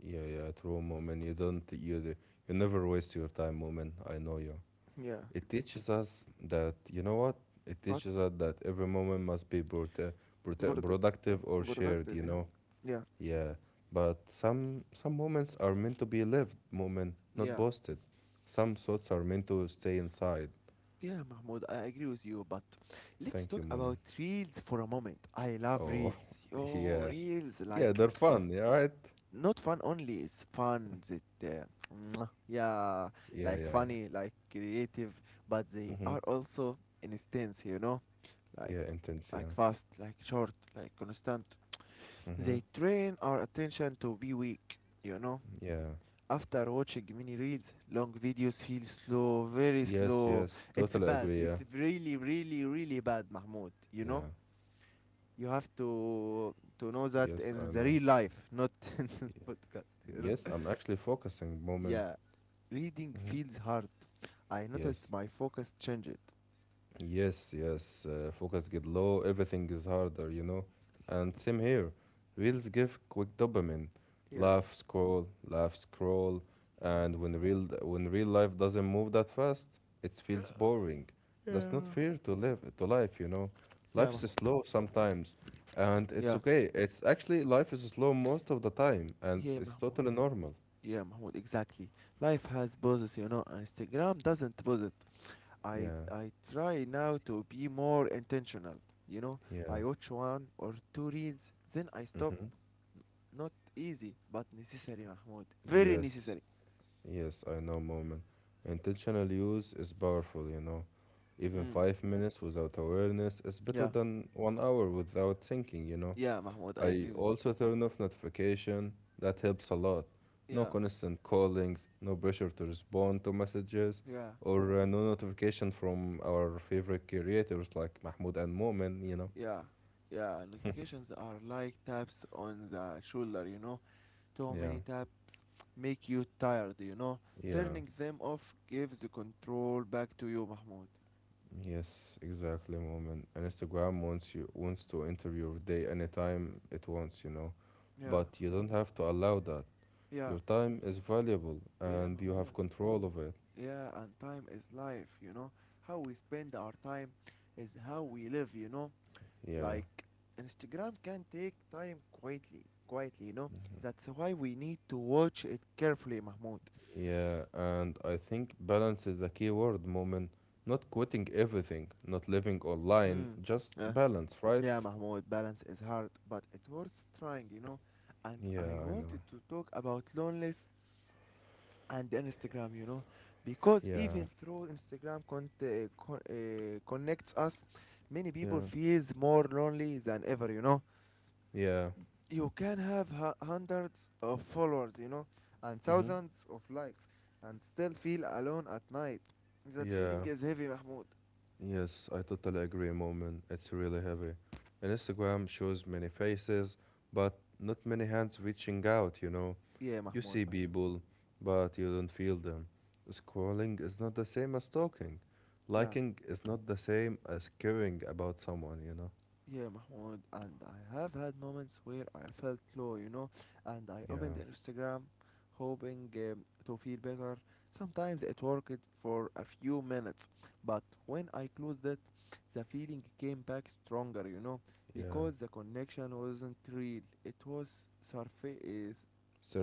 Speaker 2: Yeah, yeah, true, moment. You never waste your time, moment. I know you.
Speaker 1: yeah.
Speaker 2: It teaches us that, you know what? It
Speaker 1: What?
Speaker 2: teaches us that every moment must be prote prote
Speaker 1: product
Speaker 2: productive or shared,
Speaker 1: Productive,
Speaker 2: you
Speaker 1: yeah,
Speaker 2: know?
Speaker 1: yeah,
Speaker 2: Yeah, but some moments are meant to be lived, moment, not
Speaker 1: yeah.
Speaker 2: boasted. Some thoughts are meant to stay inside.
Speaker 1: Yeah, Mahmoud, I agree with you, but let's
Speaker 2: Thank you,
Speaker 1: talk
Speaker 2: moment.
Speaker 1: about reels for a moment. I love
Speaker 2: Oh,
Speaker 1: reels. Yo,
Speaker 2: yeah.
Speaker 1: reels,
Speaker 2: Yeah,
Speaker 1: like,
Speaker 2: they're fun, yeah, right?
Speaker 1: not fun only, it's fun. Mwah, yeah,
Speaker 2: Yeah,
Speaker 1: like
Speaker 2: yeah, yeah.
Speaker 1: funny, like creative, but they
Speaker 2: Mm-hmm.
Speaker 1: are also instance, like,
Speaker 2: Yeah, intense,
Speaker 1: like
Speaker 2: yeah.
Speaker 1: fast, like short, like constant.
Speaker 2: Mm-hmm.
Speaker 1: They train our attention to be weak.
Speaker 2: Yeah.
Speaker 1: After watching many reels, long videos feel slow, very
Speaker 2: Yes,
Speaker 1: slow.
Speaker 2: yes,
Speaker 1: It's
Speaker 2: totally
Speaker 1: bad.
Speaker 2: agree, yeah.
Speaker 1: It's really, really, really bad, Mahmoud. You know,
Speaker 2: Yeah.
Speaker 1: you have to know that
Speaker 2: Yes,
Speaker 1: in
Speaker 2: I
Speaker 1: the
Speaker 2: know.
Speaker 1: real life, not in the
Speaker 2: Yeah.
Speaker 1: podcast.
Speaker 2: Yes, I'm actually focusing, moment.
Speaker 1: Yeah, reading
Speaker 2: Mm-hmm.
Speaker 1: feels hard. I noticed
Speaker 2: Yes,
Speaker 1: my focus changed.
Speaker 2: yes, yes, focus get low, everything is harder, you know? And same here. Reels give quick dopamine.
Speaker 1: Yeah.
Speaker 2: Laugh, scroll, laugh, scroll.
Speaker 1: Uh,
Speaker 2: And when real life doesn't move that fast, it feels boring. That's not
Speaker 1: yeah.
Speaker 2: fair to live to life, you know? Life
Speaker 1: Yeah,
Speaker 2: is
Speaker 1: Mahmoud.
Speaker 2: slow sometimes, and it's
Speaker 1: Yeah.
Speaker 2: okay. It's actually life is slow most of the time, and
Speaker 1: Yeah,
Speaker 2: it's
Speaker 1: Mahmoud.
Speaker 2: totally normal.
Speaker 1: Yeah, Mahmoud. Exactly. Life has poses. Instagram doesn't pose it. I
Speaker 2: Yeah,
Speaker 1: I try now to be more intentional. You know,
Speaker 2: yeah.
Speaker 1: I watch one or two reels, then I stop.
Speaker 2: Mm-hmm.
Speaker 1: Not easy, but necessary, Mahmoud. Very
Speaker 2: Yes,
Speaker 1: necessary.
Speaker 2: yes, I know, moment. Intentional use is powerful, you know. Even
Speaker 1: Mm.
Speaker 2: 5 minutes without awareness is better
Speaker 1: Yeah,
Speaker 2: than 1 hour without thinking, you know.
Speaker 1: yeah, Mahmoud. I
Speaker 2: I
Speaker 1: agree with it.
Speaker 2: also turn off notification. That helps a lot. No
Speaker 1: Yeah,
Speaker 2: constant callings, no pressure to respond to messages,
Speaker 1: yeah,
Speaker 2: or no notification from our favorite creators like Mahmoud and Moment, you know.
Speaker 1: yeah, yeah. Notifications are like taps on the shoulder. Too
Speaker 2: Yeah,
Speaker 1: many taps make you tired.
Speaker 2: yeah.
Speaker 1: Turning them off gives the control back to you, Mahmoud.
Speaker 2: Yes, exactly, moment. And Instagram wants to enter your day anytime it wants, you know.
Speaker 1: Yeah,
Speaker 2: But you don't have to allow that.
Speaker 1: yeah,
Speaker 2: Your time is valuable
Speaker 1: yeah,
Speaker 2: and you have
Speaker 1: Mahmoud.
Speaker 2: control of it.
Speaker 1: Yeah, and time is life. How we spend our time is how we live.
Speaker 2: Yeah.
Speaker 1: Like Instagram can take time quietly, quietly. That's why we need to watch it carefully, Mahmoud.
Speaker 2: Yeah, and I think balance is a key word, moment. Not quitting everything, not living online,
Speaker 1: Hmm.
Speaker 2: just
Speaker 1: Uh,
Speaker 2: balance,
Speaker 1: yeah,
Speaker 2: right?
Speaker 1: Mahmoud, balance is hard, but it worth trying. And I
Speaker 2: Yeah, I know.
Speaker 1: wanted to talk about loneliness and Instagram, because
Speaker 2: Yeah.
Speaker 1: even though Instagram connects us, many people
Speaker 2: Yeah.
Speaker 1: feels more lonely than ever, you know.
Speaker 2: Yeah.
Speaker 1: You can have hundreds of followers, and
Speaker 2: Mm-hmm.
Speaker 1: thousands of likes, and still feel alone at night. That feeling
Speaker 2: Yeah.
Speaker 1: is heavy, Mahmoud.
Speaker 2: Yes, I totally agree, moment. It's really heavy. And Instagram shows many faces, but not many hands reaching out, you know.
Speaker 1: Yeah,
Speaker 2: You
Speaker 1: Mahmoud,
Speaker 2: see
Speaker 1: I know.
Speaker 2: people, but you don't feel them. Scrolling is not the same as talking.
Speaker 1: Yeah.
Speaker 2: Liking is not the same as caring about someone, you know?
Speaker 1: Yeah, Mahmoud, and I have had moments where I felt low, and I opened
Speaker 2: Yeah,
Speaker 1: Instagram hoping to feel better. Sometimes it worked for a few minutes, but when I closed it, the feeling came back stronger,
Speaker 2: yeah.
Speaker 1: because the connection wasn't real. It was surface,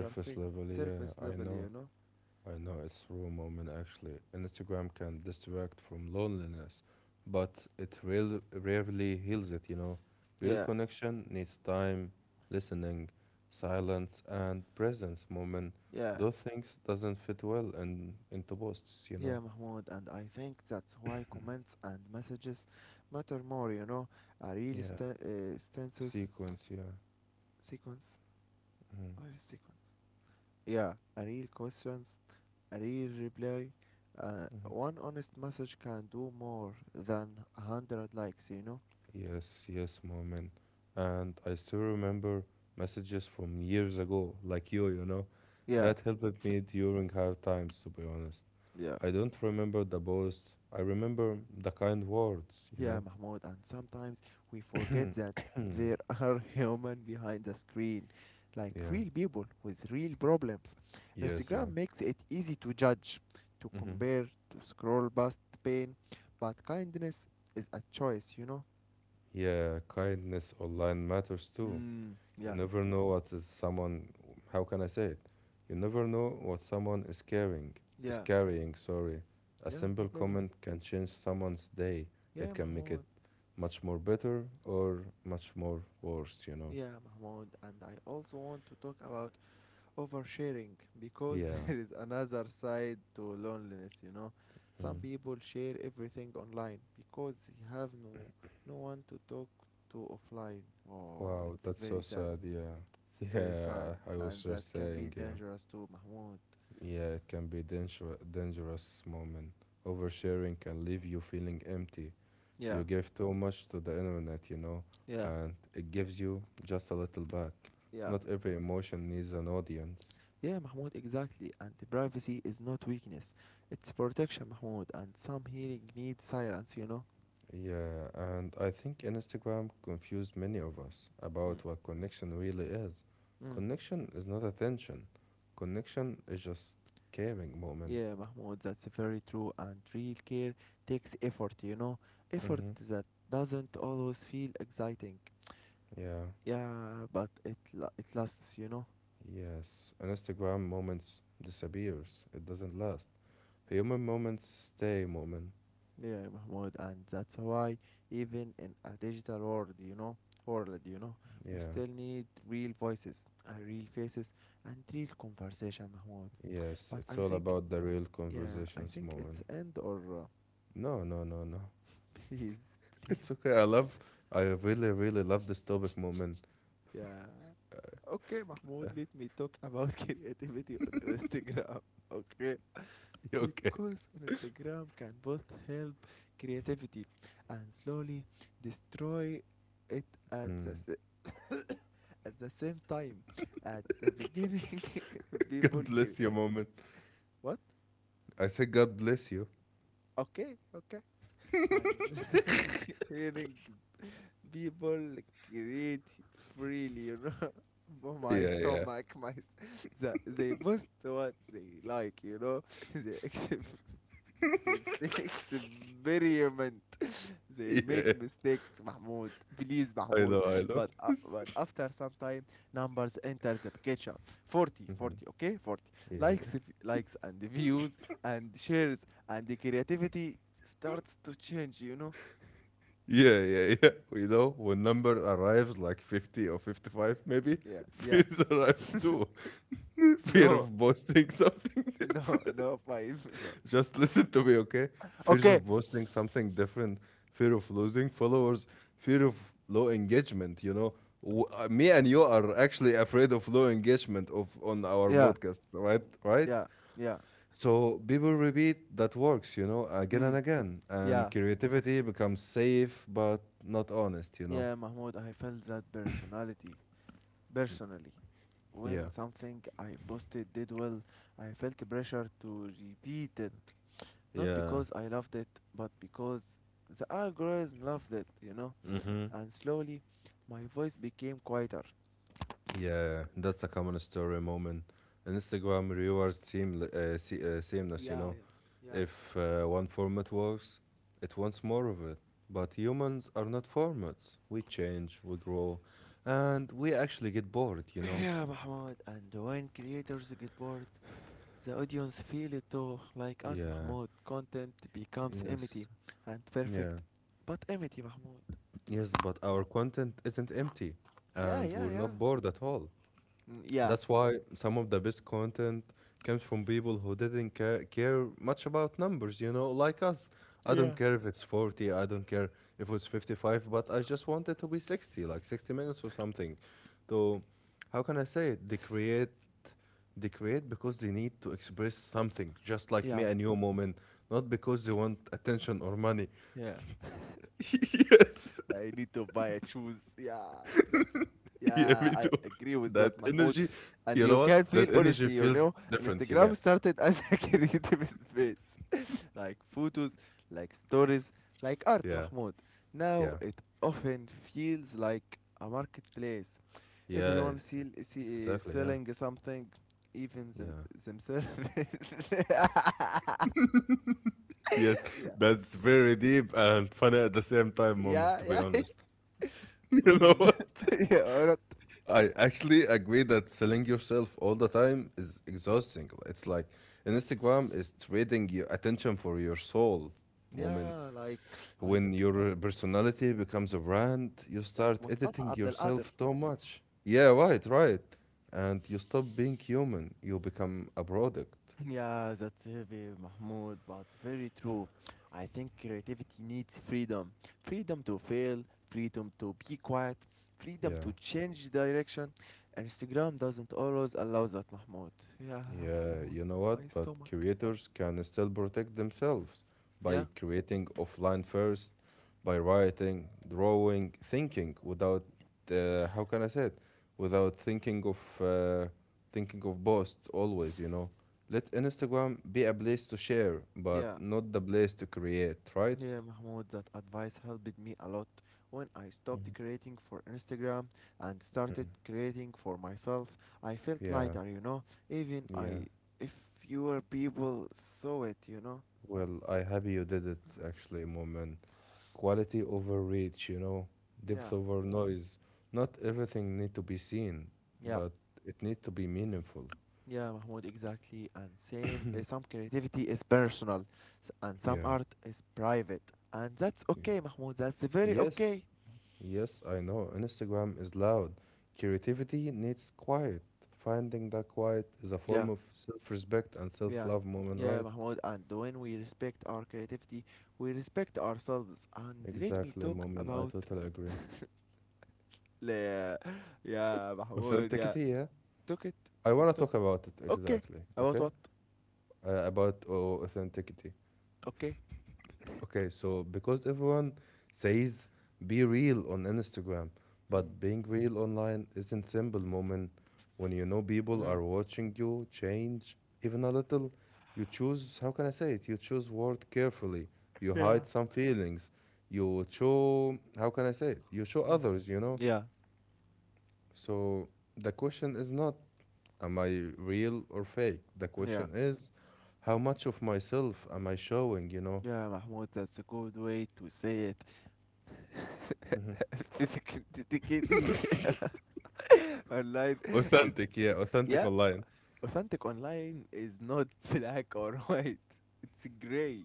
Speaker 1: surface,
Speaker 2: level, yeah,
Speaker 1: surface
Speaker 2: I
Speaker 1: level, you
Speaker 2: know.
Speaker 1: know.
Speaker 2: I know it's raw moment actually. Instagram can distract from loneliness, but it rarely heals it, you know. Real
Speaker 1: Yeah,
Speaker 2: connection needs time, listening, silence, and presence. Moment,
Speaker 1: yeah.
Speaker 2: those things doesn't fit well in into posts, you
Speaker 1: Yeah,
Speaker 2: know.
Speaker 1: Mahmoud, and I think that's why comments and messages matter more. A real
Speaker 2: Yeah,
Speaker 1: stances
Speaker 2: sequence, yeah.
Speaker 1: sequence.
Speaker 2: Mhm.
Speaker 1: Where is sequence? Yeah, a real questions, a real reply. One honest message can do more than 100 likes, you know?
Speaker 2: Yes, yes, moment. And I still remember messages from years ago, like you know,
Speaker 1: Yeah,
Speaker 2: that helped me during hard times, to be honest.
Speaker 1: yeah.
Speaker 2: I don't remember the boasts. I remember the kind words, you
Speaker 1: Yeah,
Speaker 2: know?
Speaker 1: Mahmoud, and sometimes we forget that there are human behind the screen, like
Speaker 2: Yeah.
Speaker 1: real people with real problems.
Speaker 2: Yes, yeah.
Speaker 1: Instagram makes it easy to judge, to
Speaker 2: Hmm.
Speaker 1: compare, to scroll past pain, but kindness is a choice, you know?
Speaker 2: Yeah, kindness online matters too.
Speaker 1: Mm,
Speaker 2: You
Speaker 1: yeah,
Speaker 2: never know what is someone, how can I say it? You never know what someone is
Speaker 1: yeah,
Speaker 2: carrying, sorry. A
Speaker 1: yeah, no
Speaker 2: simple
Speaker 1: problem.
Speaker 2: comment can change someone's day. It
Speaker 1: Yeah,
Speaker 2: can make it
Speaker 1: Mahmoud.
Speaker 2: much more better or much more worse, you know?
Speaker 1: Yeah, Mahmoud, and I also want to talk about oversharing because
Speaker 2: Yeah.
Speaker 1: there is another side to loneliness. Some
Speaker 2: Mm.
Speaker 1: people share everything online because they have no one to talk to offline. Oh,
Speaker 2: Wow,
Speaker 1: it's
Speaker 2: that's so
Speaker 1: very sad,
Speaker 2: sad. Yeah.
Speaker 1: it's very sad,
Speaker 2: Yeah, I
Speaker 1: and
Speaker 2: was
Speaker 1: that
Speaker 2: just
Speaker 1: can be
Speaker 2: saying, yeah.
Speaker 1: dangerous too, Mahmoud.
Speaker 2: Yeah, it can be dangerous, moment. Oversharing can leave you feeling empty.
Speaker 1: Yeah,
Speaker 2: You give too much to the internet, you know,
Speaker 1: yeah,
Speaker 2: and it gives you just a little back.
Speaker 1: yeah,
Speaker 2: Not every emotion needs an audience.
Speaker 1: yeah, Mahmoud, exactly. And the privacy is not weakness, it's protection, Mahmoud, and some healing needs silence.
Speaker 2: Yeah, and I think Instagram confused many of us
Speaker 1: Mm.
Speaker 2: about what connection really is.
Speaker 1: Mm.
Speaker 2: Connection is not attention. Connection is just caring, moment.
Speaker 1: Yeah, Mahmoud, that's very true. And real care takes effort, effort
Speaker 2: Mm-hmm.
Speaker 1: that doesn't always feel exciting.
Speaker 2: Yeah.
Speaker 1: Yeah, but it lasts.
Speaker 2: Yes. An Instagram moments disappears. It doesn't last. Human moments stay, moment.
Speaker 1: Yeah, Mahmoud, and that's why even in a digital world, we
Speaker 2: Yeah.
Speaker 1: still need real voices and real faces and real conversation, Mahmoud.
Speaker 2: Yes.
Speaker 1: But
Speaker 2: It's
Speaker 1: I
Speaker 2: all
Speaker 1: think,
Speaker 2: about the real
Speaker 1: yeah, I
Speaker 2: conversations,
Speaker 1: think
Speaker 2: moment.
Speaker 1: it's end or
Speaker 2: No, no, no, no.
Speaker 1: please, please,
Speaker 2: It's okay. I really, really love this topic, moment.
Speaker 1: yeah. Okay, Mahmoud, let me talk about creativity on Instagram. Okay.
Speaker 2: You okay?
Speaker 1: Because Instagram can both help creativity and slowly destroy it at the,
Speaker 2: Mm.
Speaker 1: s- at the same time. At the beginning,
Speaker 2: God
Speaker 1: people can.
Speaker 2: bless you, moment.
Speaker 1: What?
Speaker 2: I say God bless you.
Speaker 1: Okay, okay. And the beginning, people create freely, you know? My
Speaker 2: Yeah, yeah.
Speaker 1: stomach, my st- they post what they like, they experiment, they make
Speaker 2: Yeah.
Speaker 1: mistakes, Mahmoud, please,
Speaker 2: I
Speaker 1: Mahmoud.
Speaker 2: know, I know.
Speaker 1: But after some time, numbers enter the picture,
Speaker 2: Hmm.
Speaker 1: okay, 40
Speaker 2: Yeah, yeah.
Speaker 1: likes, likes and views and shares and the creativity starts to change.
Speaker 2: Yeah, yeah, yeah. You know, when number arrives like 50 or 55, maybe,
Speaker 1: Yeah, yeah.
Speaker 2: fears arrives too. Fear
Speaker 1: no,
Speaker 2: of posting something.
Speaker 1: no, no, five, no.
Speaker 2: Just listen to me, okay? Fears
Speaker 1: Okay,
Speaker 2: of posting something different, fear of losing followers, fear of low engagement. You know, me and you are actually afraid of low engagement of on our
Speaker 1: yeah.
Speaker 2: podcast, right? Right.
Speaker 1: Yeah, yeah,
Speaker 2: So people repeat that works, you know, again and
Speaker 1: mm,
Speaker 2: again,
Speaker 1: yeah,
Speaker 2: and creativity becomes safe but not honest, you know.
Speaker 1: yeah, Mahmoud. I felt that personality personally.
Speaker 2: Yeah.
Speaker 1: When something I posted did well, I felt pressure to repeat it. Not
Speaker 2: Yeah.
Speaker 1: because I loved it, but because the algorithm loved it.
Speaker 2: Mm-hmm.
Speaker 1: And slowly, my voice became quieter.
Speaker 2: Yeah, that's a common story, moment. Instagram rewards sameness, you
Speaker 1: Yeah.
Speaker 2: know. If one format works, it wants more of it. But humans are not formats. We change, we grow, and we actually get bored, you know?
Speaker 1: Yeah, Mahmoud. And when creators get bored, the audience feel it too. Like us,
Speaker 2: Yeah,
Speaker 1: Mahmoud, content becomes empty
Speaker 2: yes,
Speaker 1: and
Speaker 2: yeah,
Speaker 1: perfect, but empty, Mahmoud.
Speaker 2: yes, but our content isn't empty,
Speaker 1: Yeah,
Speaker 2: and
Speaker 1: yeah,
Speaker 2: we're
Speaker 1: yeah.
Speaker 2: not bored at all.
Speaker 1: Mm. Yeah,
Speaker 2: That's why some of the best content comes from people who didn't care much about numbers, you know, like us. I don't
Speaker 1: yeah,
Speaker 2: care if it's 40, I don't care if it's 55, but I just want it to be 60, like 60 minutes or something. So, how can I say it? They create because they need to express something, just like me
Speaker 1: yeah.
Speaker 2: and you, moment, not because they want attention or money.
Speaker 1: yeah.
Speaker 2: Yes,
Speaker 1: I need to buy a shoes. Yeah, that's.
Speaker 2: yeah,
Speaker 1: Yeah,
Speaker 2: me too.
Speaker 1: I agree with that,
Speaker 2: That
Speaker 1: Mahmoud.
Speaker 2: energy,
Speaker 1: And
Speaker 2: you
Speaker 1: you
Speaker 2: know what?
Speaker 1: can feel
Speaker 2: That energy
Speaker 1: honesty, you
Speaker 2: feels
Speaker 1: know.
Speaker 2: different, you know?
Speaker 1: Instagram started as a creative space, like photos, like stories, like art,
Speaker 2: Yeah,
Speaker 1: Mahmoud. Now
Speaker 2: yeah,
Speaker 1: it often feels like a marketplace.
Speaker 2: yeah,
Speaker 1: Everyone
Speaker 2: exactly, yeah,
Speaker 1: selling something, even
Speaker 2: yeah.
Speaker 1: themselves.
Speaker 2: Yes,
Speaker 1: yeah,
Speaker 2: that's very deep and funny at the same time moment,
Speaker 1: yeah,
Speaker 2: to be
Speaker 1: yeah,
Speaker 2: honest. You know
Speaker 1: Mm.
Speaker 2: what?
Speaker 1: yeah, alright.
Speaker 2: I actually agree that selling yourself all the time is exhausting. It's like Instagram is trading your attention for your soul moment.
Speaker 1: Yeah,
Speaker 2: When
Speaker 1: like
Speaker 2: your personality becomes a brand, you
Speaker 1: like
Speaker 2: start
Speaker 1: Mustafa
Speaker 2: editing
Speaker 1: Abdel Qadir.
Speaker 2: yourself too much. Yeah, right, right. And you stop being human, you become a product.
Speaker 1: Yeah, that's heavy, Mahmoud, but very true. I think creativity needs freedom. Freedom to fail, freedom to be quiet, freedom
Speaker 2: Yeah.
Speaker 1: to change direction. Instagram doesn't always allow that, Mahmoud. Yeah,
Speaker 2: Yeah,
Speaker 1: Mahmoud,
Speaker 2: you know
Speaker 1: my
Speaker 2: what? But
Speaker 1: stomach.
Speaker 2: creators can still protect themselves
Speaker 1: Yeah,
Speaker 2: by creating offline first, by writing, drawing, thinking without, how can I say it? Without thinking of thinking of posts always, you know. Let Instagram be a place to share, but
Speaker 1: yeah.
Speaker 2: not the place to create, right?
Speaker 1: Yeah, Mahmoud, that advice helped me a lot when I stopped creating for Instagram and started
Speaker 2: Mhm.
Speaker 1: creating for myself. I felt
Speaker 2: Yeah,
Speaker 1: lighter, even
Speaker 2: yeah.
Speaker 1: I if fewer people saw it.
Speaker 2: Well, I happy you did it actually, Moment. Quality over reach, you know, depth
Speaker 1: Yeah.
Speaker 2: over noise, not everything need to be seen,
Speaker 1: Yeah.
Speaker 2: but it need to be meaningful.
Speaker 1: Yeah, Mahmoud, exactly. And same some creativity is personal and some
Speaker 2: Yeah,
Speaker 1: art is private. And that's
Speaker 2: yeah,
Speaker 1: okay, Mahmoud. That's very
Speaker 2: yes,
Speaker 1: okay.
Speaker 2: yes, I know Instagram is loud, creativity needs quiet. Finding that quiet is a
Speaker 1: Yeah.
Speaker 2: form of self-respect and
Speaker 1: Yeah,
Speaker 2: self-love moment,
Speaker 1: yeah,
Speaker 2: right?
Speaker 1: Mahmoud, and when we respect our creativity, we respect ourselves. And let me
Speaker 2: Exactly
Speaker 1: talk
Speaker 2: moment, I
Speaker 1: about
Speaker 2: totally agree.
Speaker 1: la yeah, Mahmoud, yeah,
Speaker 2: Authenticity, yeah,
Speaker 1: took it,
Speaker 2: I want to
Speaker 1: took
Speaker 2: talk about it,
Speaker 1: okay,
Speaker 2: exactly,
Speaker 1: about
Speaker 2: okay.
Speaker 1: what?
Speaker 2: About authenticity.
Speaker 1: Okay,
Speaker 2: Okay, so because everyone says be real on Instagram,
Speaker 1: mm.
Speaker 2: but being real online isn't simple moment when you know people
Speaker 1: Mm.
Speaker 2: are watching you change even a little. You choose, how can I say it? You choose word carefully. You
Speaker 1: Yeah,
Speaker 2: hide some feelings. You show, how can I say it? You show
Speaker 1: mm.
Speaker 2: others, you know?
Speaker 1: Yeah,
Speaker 2: So the question is not, am I real or fake? The
Speaker 1: yeah,
Speaker 2: question is, how much of myself am I showing, you know?
Speaker 1: yeah, Mahmoud, that's a good way to say it. Authenticity online is
Speaker 2: Authentic, yeah, authentic
Speaker 1: yeah,
Speaker 2: online.
Speaker 1: authentic online is not black or white. It's gray,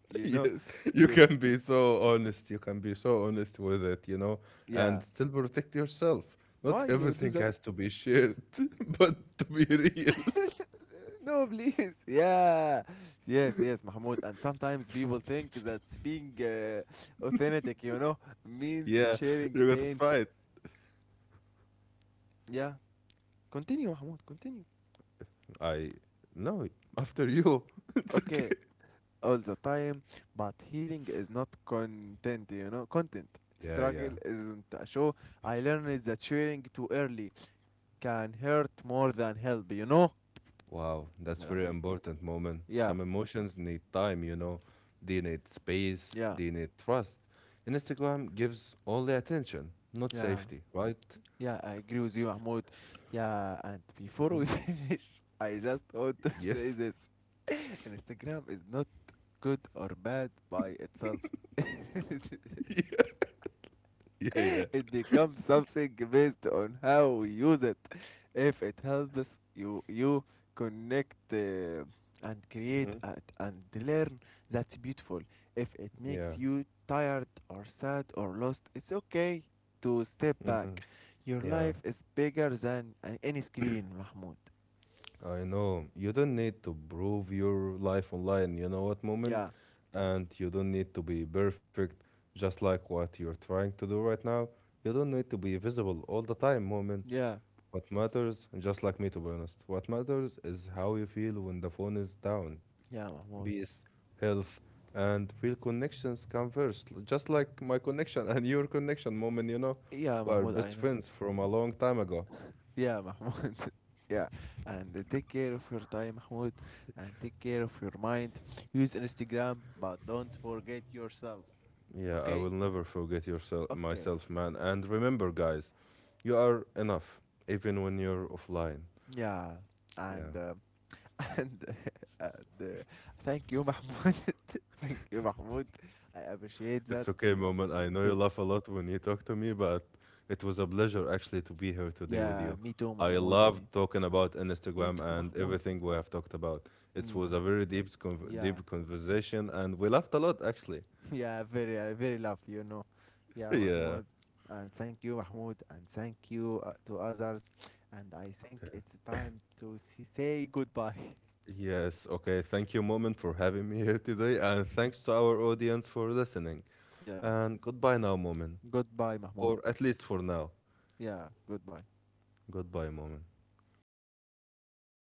Speaker 1: you know
Speaker 2: Yes, you
Speaker 1: you
Speaker 2: can be so honest. You can be so honest with it, you know, and
Speaker 1: Yeah.
Speaker 2: still protect yourself. Not
Speaker 1: Why you do
Speaker 2: everything
Speaker 1: that?
Speaker 2: has to be shared, but to be real,
Speaker 1: Uh, No, please. Yeah. Yes, yes, Mahmoud. And sometimes people think that being authentic, means
Speaker 2: yeah,
Speaker 1: sharing
Speaker 2: you gotta
Speaker 1: pain.
Speaker 2: try it.
Speaker 1: Yeah. Continue, Mahmoud. Continue.
Speaker 2: I no, after you, it's okay.
Speaker 1: Okay. All the time. But healing is not content.
Speaker 2: Yeah, yeah.
Speaker 1: Struggle isn't a show. I learned that sharing too early can hurt more than help, you know?
Speaker 2: Wow, that's
Speaker 1: Yeah.
Speaker 2: very important moment.
Speaker 1: Yeah.
Speaker 2: Some emotions need time, you know. They need space.
Speaker 1: Yeah.
Speaker 2: They need trust. And Instagram gives all the attention, not
Speaker 1: Yeah.
Speaker 2: safety, right?
Speaker 1: Yeah, I agree with you, Mahmoud. Yeah, and before we finish, I just want to say
Speaker 2: Yes.
Speaker 1: this. Instagram is not good or bad by itself.
Speaker 2: Yeah,
Speaker 1: it becomes something based on how we use it. If it helps you, you connect and create
Speaker 2: yeah.
Speaker 1: and learn, that's beautiful. If it makes
Speaker 2: Yeah.
Speaker 1: you tired or sad or lost, it's okay to step back.
Speaker 2: Hmm.
Speaker 1: Your
Speaker 2: Yeah.
Speaker 1: life is bigger than any screen, Mahmoud.
Speaker 2: I know. You don't need to prove your life online, you know what, Moment,
Speaker 1: Yeah,
Speaker 2: and you don't need to be perfect, just like what you're trying to do right now. You don't need to be visible all the time, Moment.
Speaker 1: yeah,
Speaker 2: What matters, just like me to be honest, what matters is how you feel when the phone is down.
Speaker 1: yeah, Mahmoud.
Speaker 2: Peace, health, and real connections come first. L- just like my connection and your connection, Moment, you know.
Speaker 1: Yeah,
Speaker 2: We are
Speaker 1: Mahmoud,
Speaker 2: best
Speaker 1: I know.
Speaker 2: friends from a long time ago.
Speaker 1: Yeah, Mahmoud. Yeah, and take care of your time, Mahmoud, and take care of your mind. Use Instagram, but don't forget yourself.
Speaker 2: Yeah, I
Speaker 1: Okay?
Speaker 2: will never forget yourself,
Speaker 1: Okay.
Speaker 2: myself, man. And remember, guys, you are enough, even when you're offline.
Speaker 1: Yeah,
Speaker 2: Yeah,
Speaker 1: and and, and thank you, Mahmoud. thank you, Mahmoud. I appreciate that.
Speaker 2: it's okay, moment. I know you
Speaker 1: Too.
Speaker 2: laugh a lot when you talk to me, but it was a pleasure actually to be here today with
Speaker 1: Yeah,
Speaker 2: you.
Speaker 1: me too,
Speaker 2: I
Speaker 1: Mahmoud.
Speaker 2: love
Speaker 1: Me
Speaker 2: talking about
Speaker 1: me
Speaker 2: Instagram
Speaker 1: too,
Speaker 2: and
Speaker 1: Mahmoud.
Speaker 2: everything we have talked about. It
Speaker 1: Me,
Speaker 2: was a
Speaker 1: Mahmoud.
Speaker 2: very deep, conv-
Speaker 1: Yeah.
Speaker 2: deep conversation, and we laughed a lot actually.
Speaker 1: Yeah, very love, Yeah,
Speaker 2: Yeah.
Speaker 1: Mahmoud, and thank you, Mahmoud, and thank you to others. And I think
Speaker 2: Okay.
Speaker 1: it's time to say goodbye.
Speaker 2: Yes. Okay. Thank you, moment, for having me here today, and thanks to our audience for listening.
Speaker 1: Yeah,
Speaker 2: And goodbye now, moment.
Speaker 1: goodbye, Mahmoud.
Speaker 2: Or at least for now.
Speaker 1: Yeah, goodbye.
Speaker 2: Goodbye, moment.